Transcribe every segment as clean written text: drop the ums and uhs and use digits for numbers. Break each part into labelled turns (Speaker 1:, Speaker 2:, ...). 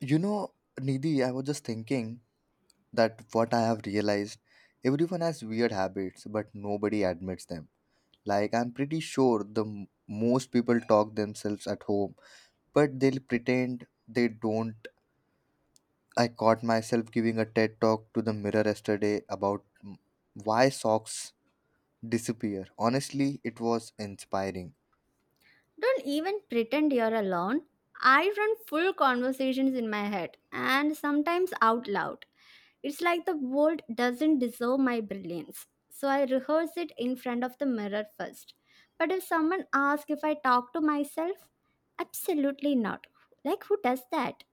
Speaker 1: You know, Nidhi, I was just thinking that what I have realized everyone has weird habits, but nobody admits them. Like, I'm pretty sure the most people talk themselves at home, but they'll pretend they don't. I caught myself giving a TED talk to the mirror yesterday about why socks disappear. Honestly, it was inspiring.
Speaker 2: Don't even pretend you're alone. I run full conversations in my head and sometimes out loud. It's like the world doesn't deserve my brilliance. So I rehearse it in front of the mirror first. But if someone asks if I talk to myself, absolutely not. Like who does that?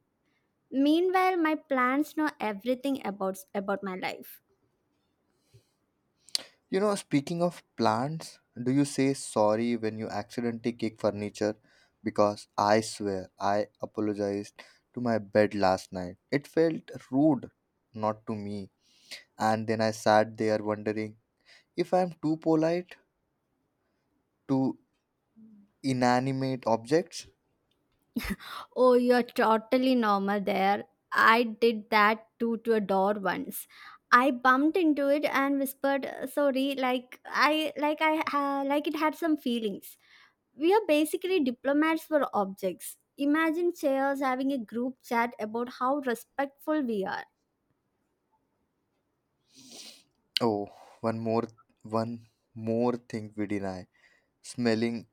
Speaker 2: Meanwhile, my plans know everything about my life.
Speaker 1: You know, speaking of plants, do you say sorry when you accidentally kick furniture? Because I swear I apologized to my bed last night. It felt rude, not to me. And then I sat there wondering if I'm too polite to inanimate objects.
Speaker 2: Oh, you're totally normal there. I did that too to a door once. I bumped into it and whispered, sorry," like it had some feelings. We are basically diplomats for objects. Imagine chairs having a group chat about how respectful we are.
Speaker 1: Oh, one more, one more thing we deny. Smelling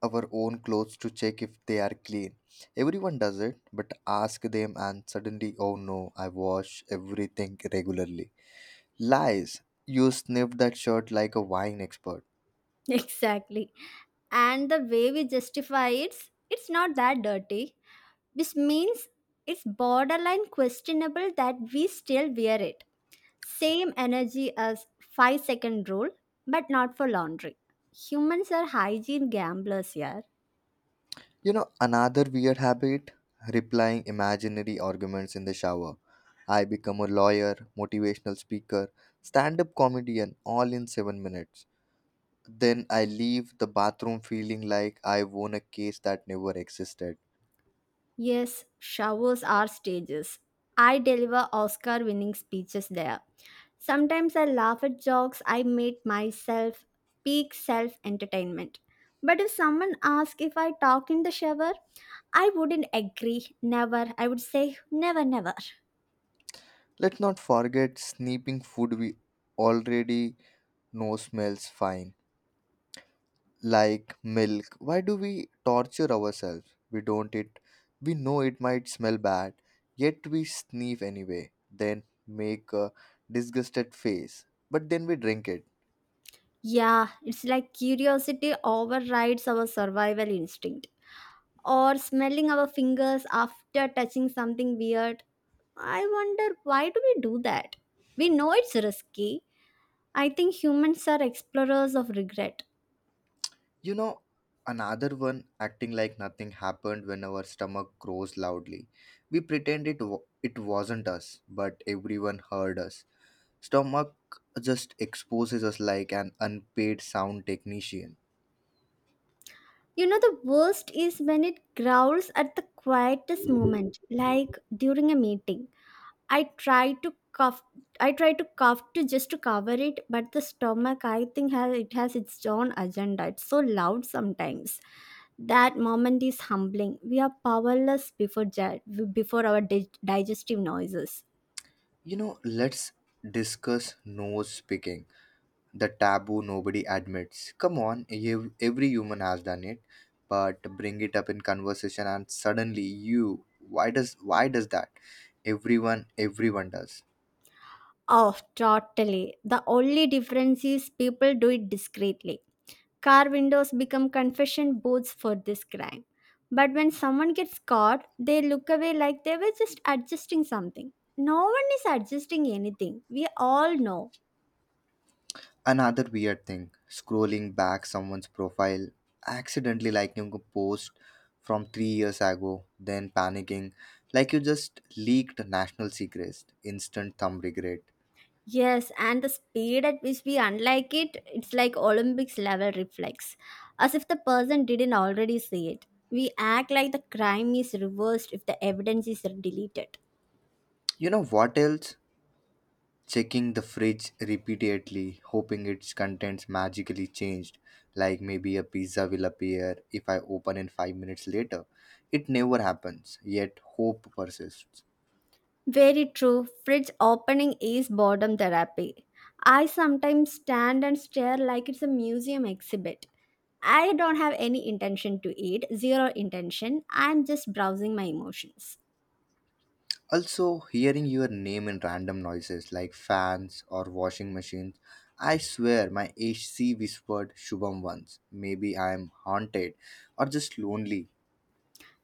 Speaker 1: our own clothes to check if they are clean. Everyone does it, but ask them, and suddenly, oh no, I wash everything regularly. Lies. You sniff that shirt like a wine expert.
Speaker 2: Exactly. And the way we justify it, it's not that dirty. Which means it's borderline questionable that we still wear it. Same energy as 5-second rule, but not for laundry. Humans are hygiene gamblers here.
Speaker 1: You know, another weird habit replying imaginary arguments in the shower. I become a lawyer, motivational speaker, stand up comedian, all in 7 minutes. Then I leave the bathroom feeling like I won a case that never existed.
Speaker 2: Yes, showers are stages. I deliver Oscar winning speeches there. Sometimes I laugh at jokes I made myself, peak self entertainment. But if someone asks if I talk in the shower, I wouldn't agree. Never. I would say never, never.
Speaker 1: Let's not forget sneaking food we already know smells fine, like milk. Why do we torture ourselves? We don't it. We know it might smell bad, yet we sneeze anyway. Then make a disgusted face, but then we drink it.
Speaker 2: Yeah, it's like curiosity overrides our survival instinct, or smelling our fingers after touching something weird. I wonder, why do we do that? We know it's risky. I think humans are explorers of regret.
Speaker 1: You know, another one acting like nothing happened when our stomach grows loudly. We pretend it wasn't us, but everyone heard us. Stomach just exposes us like an unpaid sound technician.
Speaker 2: You know, the worst is when it growls at the quietest moment, like during a meeting. I try to cough. I try to cough to Just to cover it, but the stomach, I think, has it has its own agenda. It's so loud sometimes. That moment is humbling. We are powerless before before our digestive noises.
Speaker 1: You know, let's discuss nose picking, the taboo nobody admits. Come on, every human has done it, but bring it up in conversation and suddenly you, why does that? Everyone does.
Speaker 2: Oh, totally. The only difference is people do it discreetly. Car windows become confession booths for this crime. But when someone gets caught, they look away like they were just adjusting something. No one is adjusting anything. We all know.
Speaker 1: Another weird thing, scrolling back someone's profile, accidentally liking a post from 3 years ago, then panicking, like you just leaked national secrets, instant thumb regret.
Speaker 2: Yes, and the speed at which we unlike it, it's like Olympics level reflex, as if the person didn't already see it. We act like the crime is reversed if the evidence is deleted.
Speaker 1: You know what else? Checking the fridge repeatedly, hoping its contents magically changed, like maybe a pizza will appear if I open in 5 minutes later. It never happens, yet hope persists.
Speaker 2: Very true. Fridge opening is boredom therapy. I sometimes stand and stare like it's a museum exhibit. I don't have any intention to eat, zero intention. I'm just browsing my emotions.
Speaker 1: Also, hearing your name in random noises like fans or washing machines, I swear my HC whispered Shubham once. Maybe I am haunted or just lonely.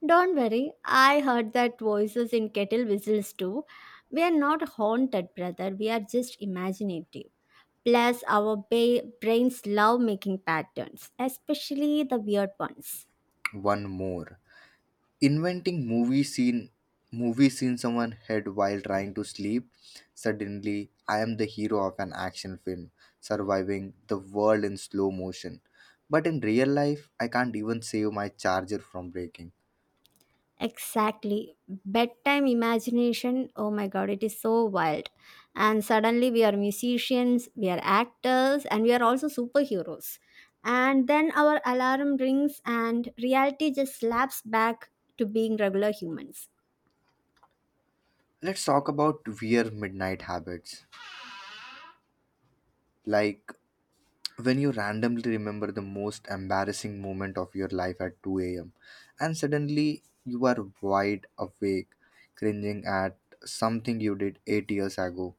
Speaker 2: Don't worry, I heard that voices in kettle whistles too. We are not haunted, brother, we are just imaginative. Plus, our brains love making patterns, especially the weird ones.
Speaker 1: One more. Inventing movie scene someone had while trying to sleep. Suddenly I am the hero of an action film, surviving the world in slow motion. But in real life I can't even save my charger from breaking.
Speaker 2: Exactly. Bedtime imagination, oh my god, it is so wild. And suddenly, we are musicians, we are actors, and we are also superheroes. And then our alarm rings, and reality just slaps back to being regular humans.
Speaker 1: Let's talk about weird midnight habits, like when you randomly remember the most embarrassing moment of your life at 2 a.m. and suddenly you are wide awake, cringing at something you did 8 years ago.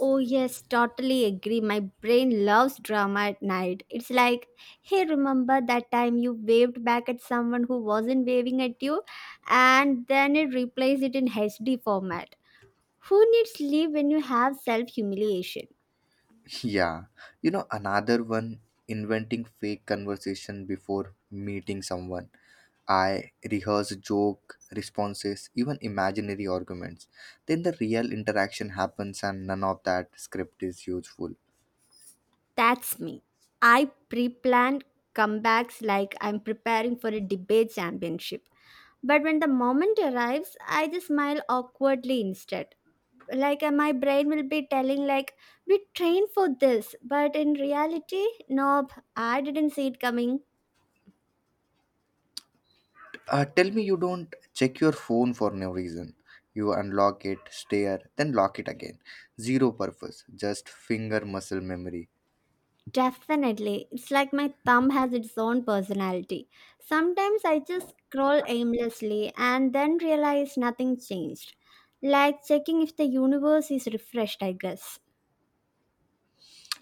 Speaker 2: Oh, yes, totally agree. My brain loves drama at night. It's like, hey, remember that time you waved back at someone who wasn't waving at you? And then it replays it in HD format. Who needs sleep when you have self humiliation?
Speaker 1: Yeah, you know, another one inventing fake conversation before meeting someone. I rehearse joke responses, even imaginary arguments. Then the real interaction happens, and none of that script is useful.
Speaker 2: That's me. I pre plan comebacks like I'm preparing for a debate championship. But when the moment arrives, I just smile awkwardly instead. Like, my brain will be telling like, we trained for this, but in reality, nope, I didn't see it coming.
Speaker 1: Tell me you don't check your phone for no reason. You unlock it, stare, then lock it again. Zero purpose, just finger muscle memory.
Speaker 2: Definitely, it's like my thumb has its own personality. Sometimes I just scroll aimlessly and then realize nothing changed, like checking if the universe is refreshed, I guess.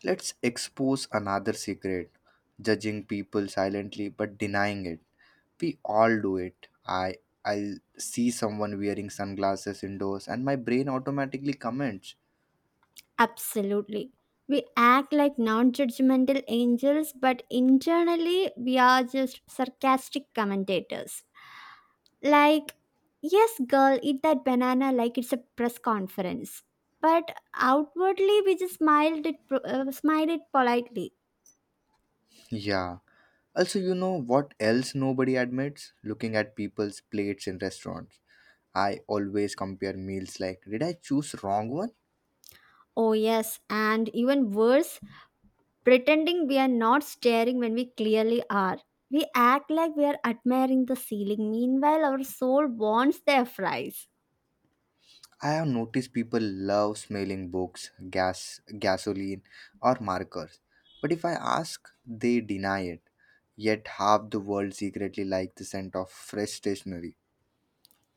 Speaker 1: Let's expose another secret judging people silently but denying it. We all do it. I'll see someone wearing sunglasses indoors and my brain automatically comments.
Speaker 2: Absolutely. We act like non-judgmental angels, but internally we are just sarcastic commentators. Like, yes, girl, eat that banana like it's a press conference. But outwardly, we just smiled it, smiled it politely.
Speaker 1: Yeah. Also, you know what else nobody admits? Looking at people's plates in restaurants. I always compare meals like, did I choose wrong one?
Speaker 2: Oh, yes, and even worse, pretending we are not staring when we clearly are. We act like we are admiring the ceiling. Meanwhile, our soul wants their fries.
Speaker 1: I have noticed people love smelling books, gas, gasoline or markers. But if I ask, they deny it. Yet half the world secretly like the scent of fresh stationery.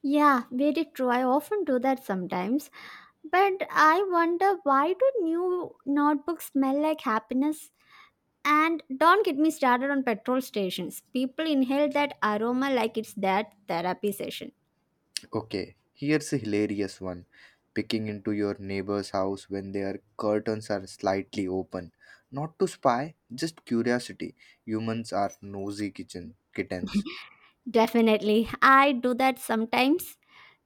Speaker 2: Yeah, very true. I often do that sometimes. But I wonder, why do new notebooks smell like happiness? And don't get me started on petrol stations. People inhale that aroma like it's their therapy session.
Speaker 1: Okay, here's a hilarious one. Picking into your neighbor's house when their curtains are slightly open. Not to spy, just curiosity. Humans are nosy kitchen kittens.
Speaker 2: Definitely. I do that sometimes.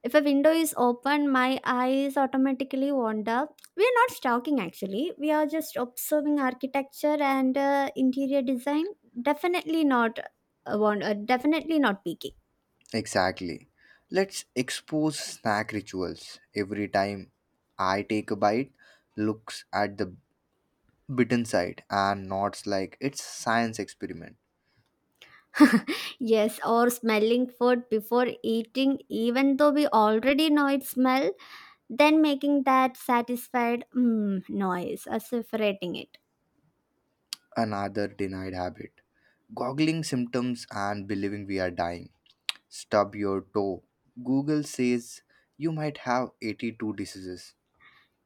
Speaker 2: If a window is open, my eyes automatically wander. We are not stalking actually. We are just observing architecture and interior design. Definitely not definitely not peeking.
Speaker 1: Exactly. Let's expose snack rituals. Every time I take a bite, looks at the bitten side and nods like it's science experiment.
Speaker 2: Yes, or smelling food before eating even though we already know its smell. Then making that satisfied noise as if rating it.
Speaker 1: Another denied habit. Goggling symptoms and believing we are dying. Stub your toe. Google says you might have 82 diseases.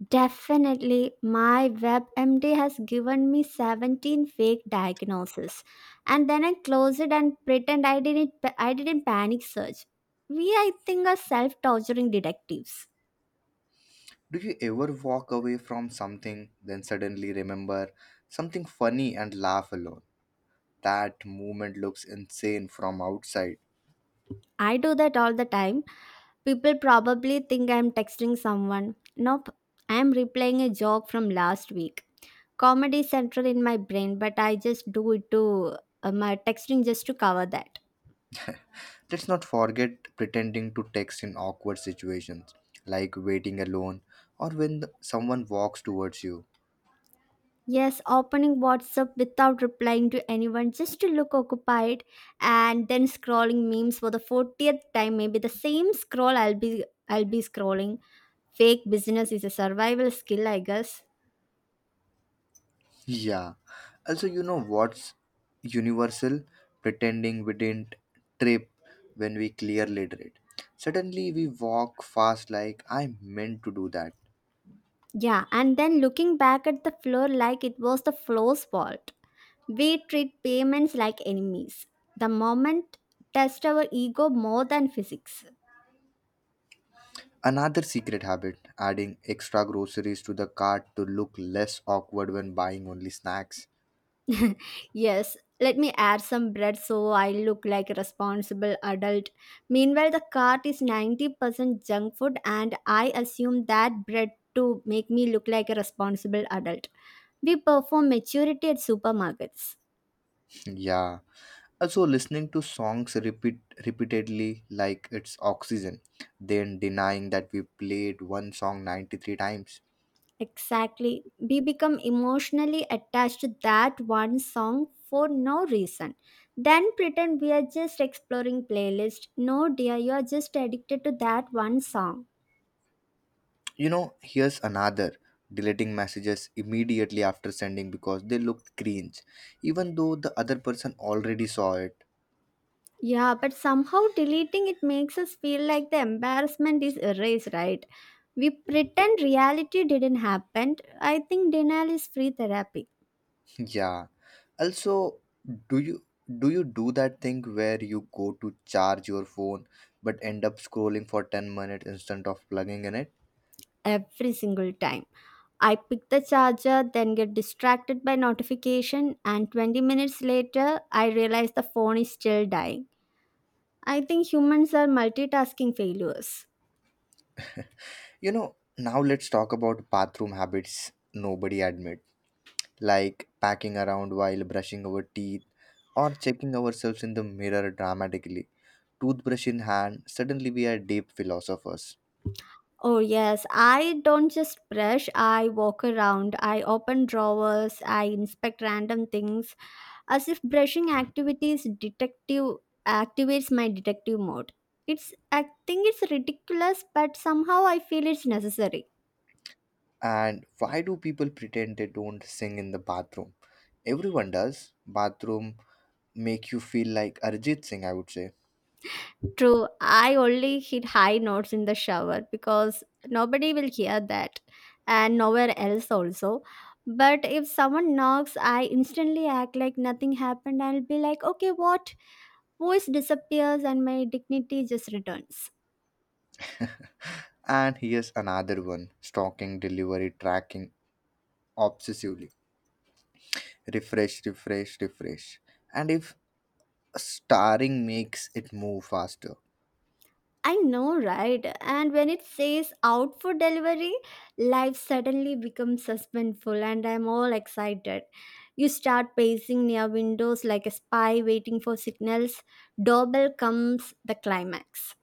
Speaker 2: Definitely, my WebMD has given me 17 fake diagnoses, and then I close it and pretend I didn't. I didn't panic search. We, I think, are self torturing detectives.
Speaker 1: Do you ever walk away from something, then suddenly remember something funny and laugh alone? That movement looks insane from outside.
Speaker 2: I do that all the time. People probably think I'm texting someone. Nope, I'm replaying a joke from last week. Comedy central in my brain, but I just do it to my texting, just to cover that.
Speaker 1: Let's not forget pretending to text in awkward situations, like waiting alone or when someone walks towards you.
Speaker 2: Yes, opening WhatsApp without replying to anyone just to look occupied, and then scrolling memes for the 40th time, maybe the same scroll I'll be scrolling. Fake business is a survival skill, I guess.
Speaker 1: Yeah. Also, you know what's universal? Pretending we didn't trip when we clearly did. Suddenly, we walk fast like, I meant to do that.
Speaker 2: Yeah, and then looking back at the floor like it was the floor's fault. We treat payments like enemies. The moment test our ego more than physics.
Speaker 1: Another secret habit adding extra groceries to the cart to look less awkward when buying only snacks.
Speaker 2: Yes, let me add some bread so I look like a responsible adult. Meanwhile, the cart is 90% junk food, and I assume that bread to make me look like a responsible adult. We perform maturity at supermarkets.
Speaker 1: Yeah. Also, listening to songs repeatedly like it's oxygen, then denying that we played one song 93 times.
Speaker 2: Exactly. We become emotionally attached to that one song for no reason. Then pretend we are just exploring playlist. No dear, you are just addicted to that one song.
Speaker 1: You know, here's another deleting messages immediately after sending because they looked cringe, even though the other person already saw it.
Speaker 2: Yeah, but somehow deleting it makes us feel like the embarrassment is erased, right? We pretend reality didn't happen. I think denial is free therapy.
Speaker 1: Yeah. Also, do you do you do that thing where you go to charge your phone but end up scrolling for 10 minutes instead of plugging in it?
Speaker 2: Every single time. I pick the charger, then get distracted by notification, and 20 minutes later, I realize the phone is still dying. I think humans are multitasking failures.
Speaker 1: You know, now let's talk about bathroom habits nobody admit, like packing around while brushing our teeth or checking ourselves in the mirror dramatically. Toothbrush in hand, suddenly we are deep philosophers.
Speaker 2: Oh, yes, I don't just brush, I walk around, I open drawers, I inspect random things, as if brushing activities detective activates my detective mode. It's I think it's ridiculous, but somehow I feel it's necessary.
Speaker 1: And why do people pretend they don't sing in the bathroom? Everyone does. Bathroom make you feel like Arjit Singh, I would say.
Speaker 2: True, I only hit high notes in the shower because nobody will hear that, and nowhere else also. But if someone knocks, I instantly act like nothing happened. I'll be like, okay, what? Voice disappears and my dignity just returns.
Speaker 1: And here's another one, stalking delivery tracking obsessively. Refresh, refresh, refresh. And if starring makes it move faster.
Speaker 2: I know, right? And when it says out for delivery, life suddenly becomes suspenseful, and I'm all excited. You start pacing near windows like a spy waiting for signals. Doorbell comes the climax.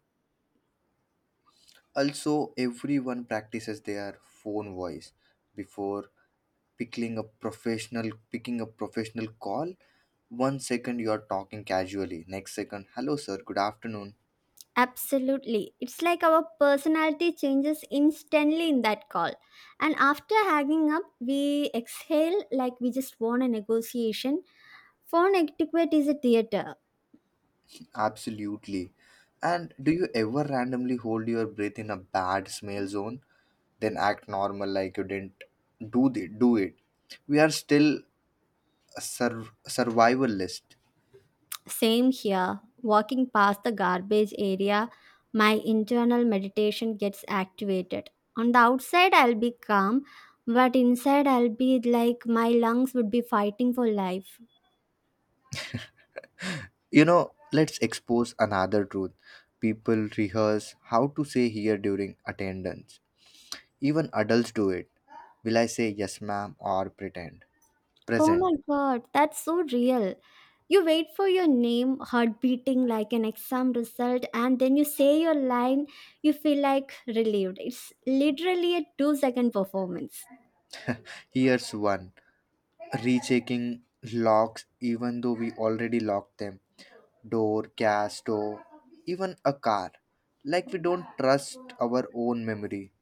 Speaker 1: Also, everyone practices their phone voice before picking a professional call. 1 second you are talking casually, next second, hello sir, good afternoon.
Speaker 2: Absolutely. It's like our personality changes instantly in that call. And after hanging up, we exhale like we just won a negotiation. Phone etiquette is a theater.
Speaker 1: Absolutely. And do you ever randomly hold your breath in a bad smell zone? Then act normal like you didn't do it. We are still a survivalist.
Speaker 2: Same here. Walking past the garbage area, my internal meditation gets activated. On the outside, I'll be calm, but inside, I'll be like my lungs would be fighting for life.
Speaker 1: You know, let's expose another truth. People rehearse how to say here during attendance. Even adults do it. Will I say yes, ma'am, or pretend?
Speaker 2: Oh
Speaker 1: Present.
Speaker 2: my god, that's so real. You wait for your name, heart beating like an exam result, and then you say your line, you feel like relieved. It's literally a 2 second performance.
Speaker 1: Here's one. Rechecking locks, even though we already locked them. Door, gas stove, even a car. Like we don't trust our own memory.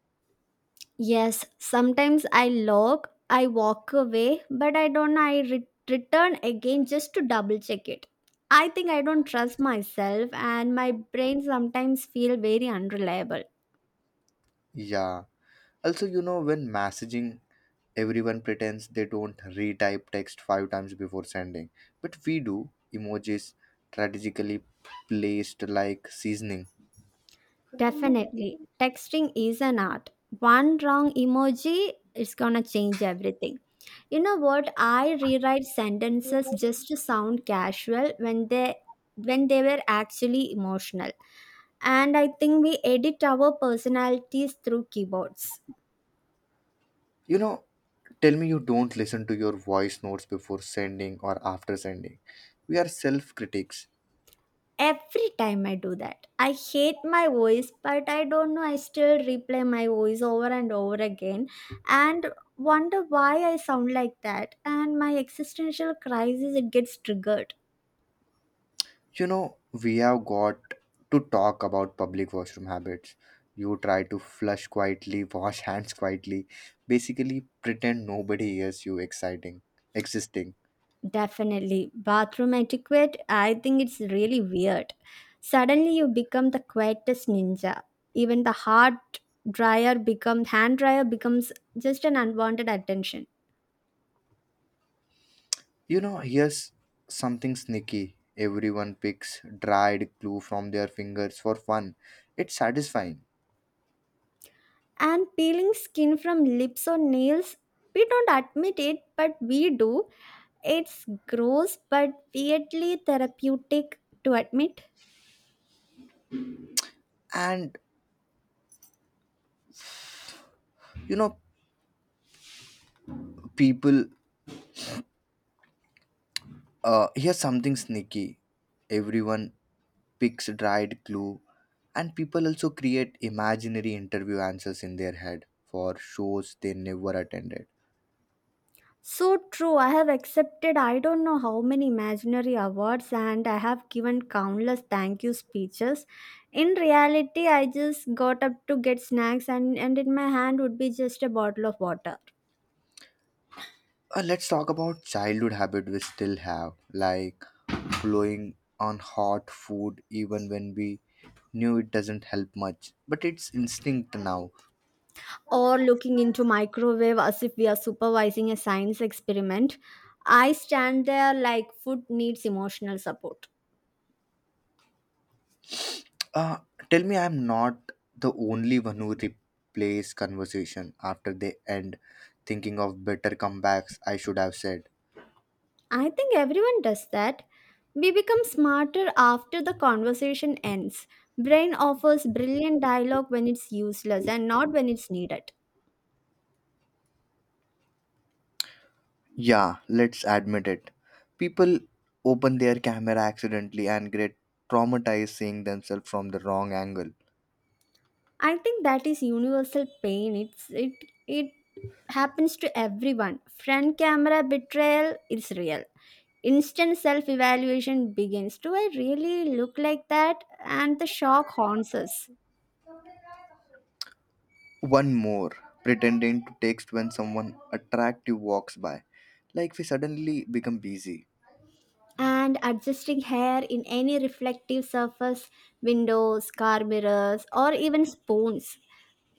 Speaker 2: Yes, sometimes I log, I walk away, but I don't I re- return again just to double check it. I think I don't trust myself and my brain sometimes feel very unreliable.
Speaker 1: Yeah. Also, you know, when messaging, everyone pretends they don't retype text five times before sending, but we do. Emojis strategically placed like seasoning.
Speaker 2: Definitely. Texting is an art. One wrong emoji, it's going to change everything. You know what? I rewrite sentences just to sound casual when they were actually emotional. And I think we edit our personalities through keyboards.
Speaker 1: You know, tell me you don't listen to your voice notes before sending or after sending. We are self critics.
Speaker 2: Every time I do that, I hate my voice, but I don't know. I still replay my voice over and over again and wonder why I sound like that. And my existential crisis, it gets triggered.
Speaker 1: You know, we have got to talk about public washroom habits. You try to flush quietly, wash hands quietly, basically pretend nobody hears you exciting existing.
Speaker 2: Definitely. Bathroom etiquette, I think it's really weird. Suddenly you become the quietest ninja. Even the hard dryer become hand dryer becomes just an unwanted attention.
Speaker 1: You know, here's something sneaky. Everyone picks dried glue from their fingers for fun. It's satisfying.
Speaker 2: And peeling skin from lips or nails, we don't admit it, but we do. It's gross but weirdly therapeutic to admit.
Speaker 1: And you know, people here's something sneaky. Everyone picks dried glue and people also create imaginary interview answers in their head for shows they never attended.
Speaker 2: So true, I have accepted I don't know how many imaginary awards, and I have given countless thank you speeches. In reality, I just got up to get snacks, and in my hand would be just a bottle of water.
Speaker 1: Let's talk about childhood habit we still have, like blowing on hot food even when we knew it doesn't help much. But it's instinct now.
Speaker 2: Or looking into microwave as if we are supervising a science experiment. I stand there like food needs emotional support.
Speaker 1: Uh, Tell me I'm not the only one who replays conversation after they end, thinking of better comebacks I should have said.
Speaker 2: I think everyone does that. We become smarter after the conversation ends. Brain offers brilliant dialogue when it's useless and not when it's needed.
Speaker 1: Yeah, let's admit it. People open their camera accidentally and get traumatized seeing themselves from the wrong angle.
Speaker 2: I think that is universal pain. It happens to everyone. Friend camera betrayal is real. Instant self evaluation begins. Do I really look like that? And the shock haunts us.
Speaker 1: One more, pretending to text when someone attractive walks by. Like we suddenly become busy.
Speaker 2: And adjusting hair in any reflective surface, windows, car mirrors, or even spoons.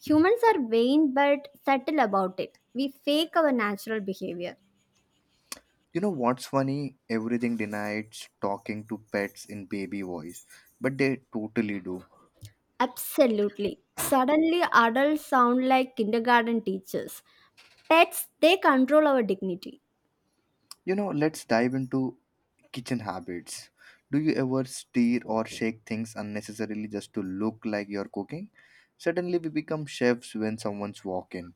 Speaker 2: Humans are vain but subtle about it. We fake our natural behavior.
Speaker 1: You know what's funny? Everything denies talking to pets in baby voice, but they totally do.
Speaker 2: Absolutely. Suddenly, adults sound like kindergarten teachers. Pets, they control our dignity.
Speaker 1: You know, let's dive into kitchen habits. Do you ever stir or shake things unnecessarily just to look like you're cooking? Suddenly we become chefs when someone's walking.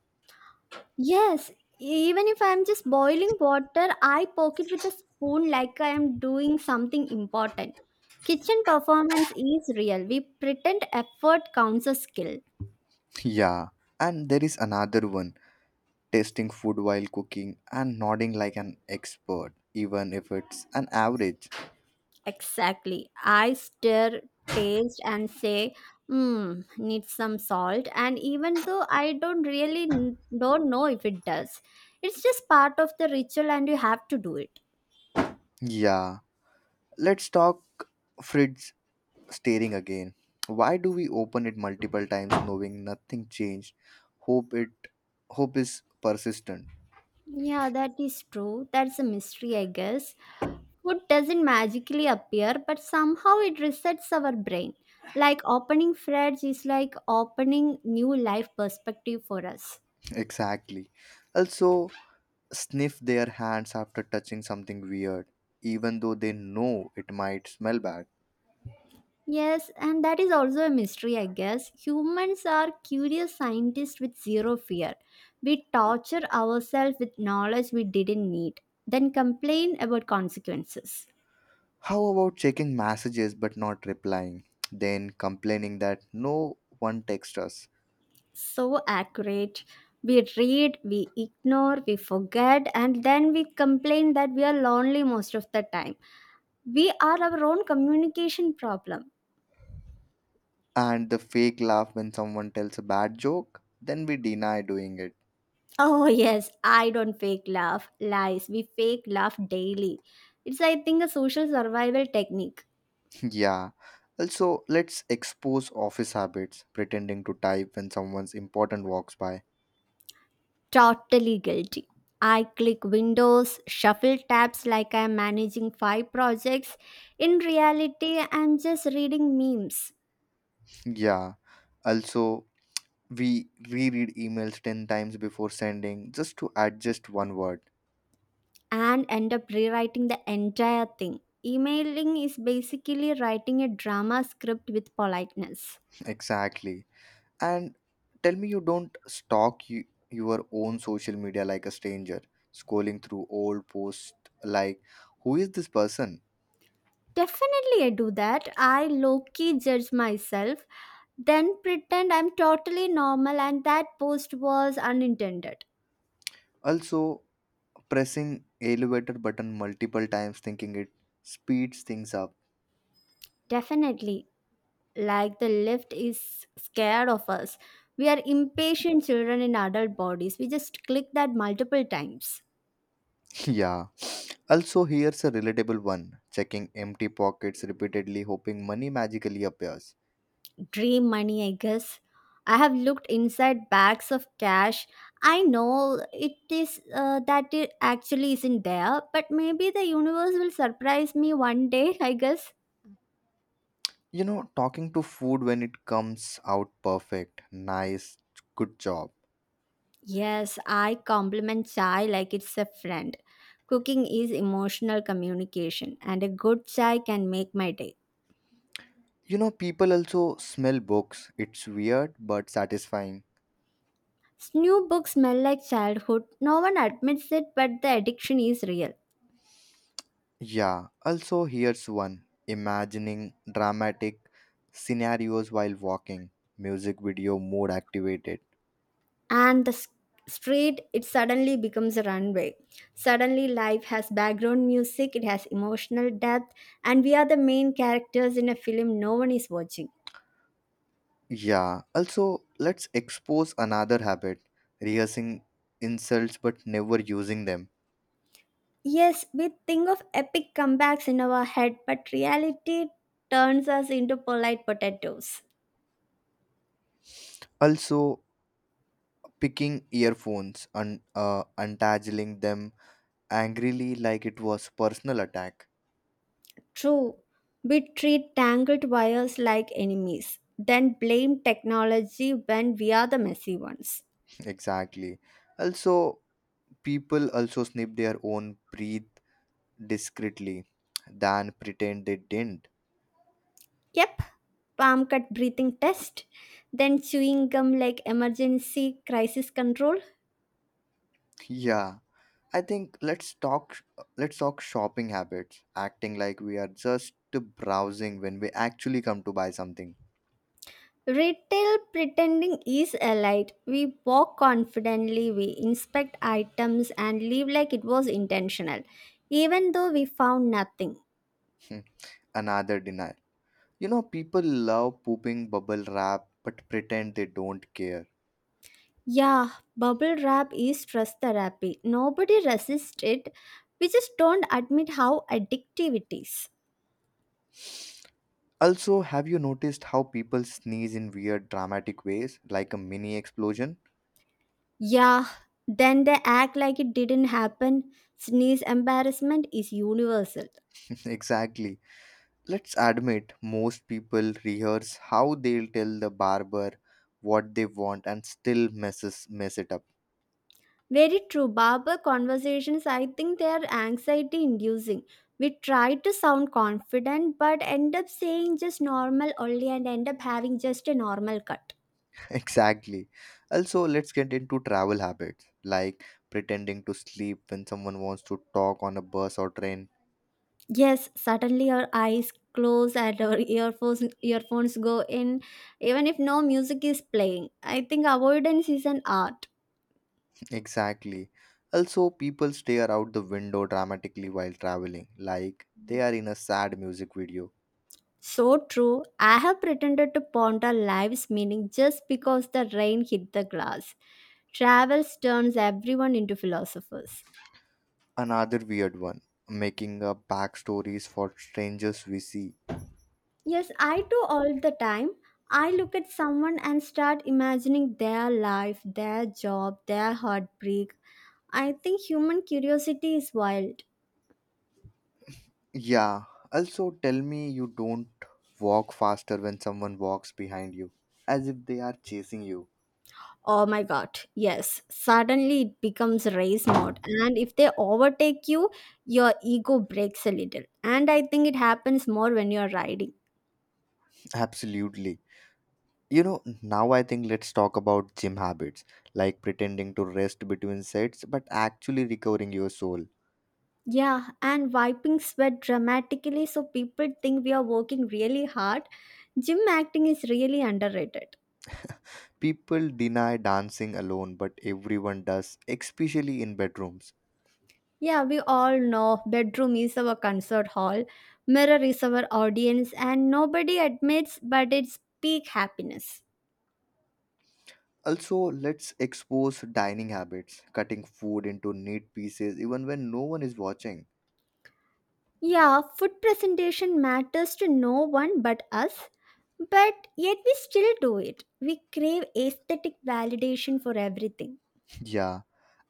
Speaker 2: Yes, even if I'm just boiling water, I poke it with a spoon like I am doing something important. Kitchen performance is real. We pretend effort counts as skill.
Speaker 1: Yeah. And there is another one tasting food while cooking and nodding like an expert, even if it's an average.
Speaker 2: Exactly. I stir, taste, and say, hmm, need some salt. And even though I don't really n- don't know if it does, it's just part of the ritual and you have to do it.
Speaker 1: Yeah, let's talk fridge staring again. Why do we open it multiple times knowing nothing changed? Hope it Hope is persistent.
Speaker 2: Yeah, that is true. That's a mystery, I guess. Food doesn't magically appear, but somehow it resets our brain. Like opening fridge is like opening new life perspective for us.
Speaker 1: Exactly. Also sniff their hands after touching something weird, even though they know it might smell bad.
Speaker 2: Yes, and that is also a mystery, I guess. Humans are curious scientists with zero fear. We torture ourselves with knowledge we didn't need, then complain about consequences.
Speaker 1: How about checking messages but not replying? Then complaining that no one texts us.
Speaker 2: So accurate. We read, we ignore, we forget, and then we complain that we are lonely most of the time. We are our own communication problem.
Speaker 1: And the fake laugh when someone tells a bad joke, then we deny doing it.
Speaker 2: Oh, yes, I don't fake laugh. Lies. We fake laugh daily. It's, I think, a social survival technique.
Speaker 1: Yeah. Also, let's expose office habits, pretending to type when someone's important walks by.
Speaker 2: Totally guilty. I click windows, shuffle tabs like I'm managing five projects. In reality, I'm just reading memes
Speaker 1: Yeah. Also, we reread emails 10 times before sending just to adjust one word.
Speaker 2: and end up rewriting the entire thing. Emailing is basically writing a drama script with politeness.
Speaker 1: Exactly. And tell me you don't stalk your own social media like a stranger, scrolling through old posts like, who is this person?
Speaker 2: Definitely, I do that. I low key judge myself, then pretend I'm totally normal and that post was unintended.
Speaker 1: Also, pressing elevator button multiple times thinking it speeds things up.
Speaker 2: Definitely, like the left is scared of us. We are impatient children in adult bodies. We just click that multiple times.
Speaker 1: Yeah, also here's a relatable one, checking empty pockets repeatedly hoping money magically appears.
Speaker 2: Dream money, I guess. I have looked inside bags of cash. I know it is that it actually isn't there, but maybe the universe will surprise me one day, I guess.
Speaker 1: You know, talking to food when it comes out perfect. Nice, good job.
Speaker 2: Yes, I compliment chai like it's a friend. Cooking is emotional communication, and a good chai can make my day.
Speaker 1: You know, people also smell books, it's weird but satisfying.
Speaker 2: New books smell like childhood. No one admits it, but the addiction is real.
Speaker 1: Yeah, also here's one, imagining dramatic scenarios while walking, music video mode activated.
Speaker 2: And the s- Street, it suddenly becomes a runway. Suddenly, life has background music, it has emotional depth, and we are the main characters in a film no one is watching.
Speaker 1: Yeah, also, let's expose another habit rehearsing insults but never using them.
Speaker 2: Yes, we think of epic comebacks in our head, but reality turns us into polite potatoes.
Speaker 1: Also, picking earphones and untangling them angrily like it was personal attack.
Speaker 2: True, we treat tangled wires like enemies, then blame technology when we are the messy ones.
Speaker 1: Exactly. Also, people also snip their own breath discreetly than pretend they didn't.
Speaker 2: Yep, palm cut breathing test, then chewing gum like emergency crisis control.
Speaker 1: Yeah, I think let's talk shopping habits, acting like we are just browsing when we actually come to buy something.
Speaker 2: Retail pretending is elite. We walk confidently, we inspect items and leave like it was intentional, even though we found nothing.
Speaker 1: Hmm. Another denial. You know, people love pooping bubble wrap but pretend they don't care.
Speaker 2: Yeah, bubble wrap is stress therapy. Nobody resists it. We just don't admit how addictive it is.
Speaker 1: Also, have you noticed how people sneeze in weird dramatic ways, like a mini explosion?
Speaker 2: Yeah, then they act like it didn't happen. Sneeze embarrassment is universal.
Speaker 1: Exactly. Let's admit, most people rehearse how they'll tell the barber what they want and still mess it up.
Speaker 2: Very true. Barber conversations, I think they are anxiety inducing. We try to sound confident but end up saying just normal only and end up having just a normal cut.
Speaker 1: Exactly. Also, let's get into travel habits, like pretending to sleep when someone wants to talk on a bus or train.
Speaker 2: Yes, suddenly our eyes close and our earphones go in even if no music is playing. I think avoidance is an art.
Speaker 1: Exactly. Also, people stare out the window dramatically while traveling, like they are in a sad music video.
Speaker 2: So true. I have pretended to ponder life's meaning just because the rain hit the glass. Travels turns everyone into philosophers.
Speaker 1: Another weird one, making up backstories for strangers we see.
Speaker 2: Yes, I do all the time. I look at someone and start imagining their life, their job, their heartbreak. I think human curiosity is wild.
Speaker 1: Yeah, also tell me you don't walk faster when someone walks behind you, as if they are chasing you.
Speaker 2: Oh my god, yes. Suddenly it becomes race mode. And if they overtake you, your ego breaks a little. And I think it happens more when you're riding.
Speaker 1: Absolutely. You know, now I think let's talk about gym habits, like pretending to rest between sets but actually recovering your soul.
Speaker 2: Yeah, and wiping sweat dramatically so people think we are working really hard. Gym acting is really underrated.
Speaker 1: People deny dancing alone, but everyone does, especially in bedrooms.
Speaker 2: Yeah, we all know bedroom is our concert hall, mirror is our audience, and nobody admits but it's peak happiness.
Speaker 1: Also, let's expose dining habits, cutting food into neat pieces even when no one is watching.
Speaker 2: Yeah, food presentation matters to no one but us, but yet we still do it. We crave aesthetic validation for everything.
Speaker 1: Yeah,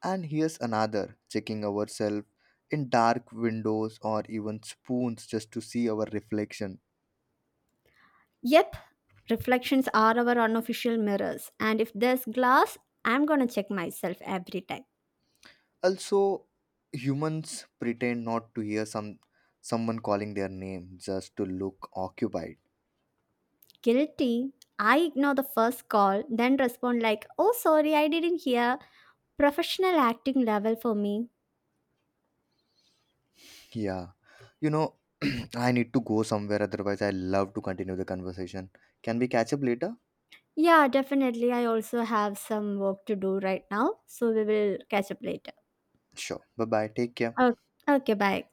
Speaker 1: and here's another, checking ourselves in dark windows or even spoons just to see our reflection.
Speaker 2: Yep, reflections are our unofficial mirrors, and if there's glass, I'm gonna check myself every time.
Speaker 1: Also, humans pretend not to hear someone calling their name just to look occupied.
Speaker 2: Guilty. I ignore the first call, then respond like, oh, sorry, I didn't hear. Professional acting level for me.
Speaker 1: Yeah. You know, I need to go somewhere, otherwise, I love to continue the conversation. Can we catch up later?
Speaker 2: Yeah, definitely. I also have some work to do right now, so we will catch up later.
Speaker 1: Sure. Bye bye. Take care.
Speaker 2: Oh, okay, bye.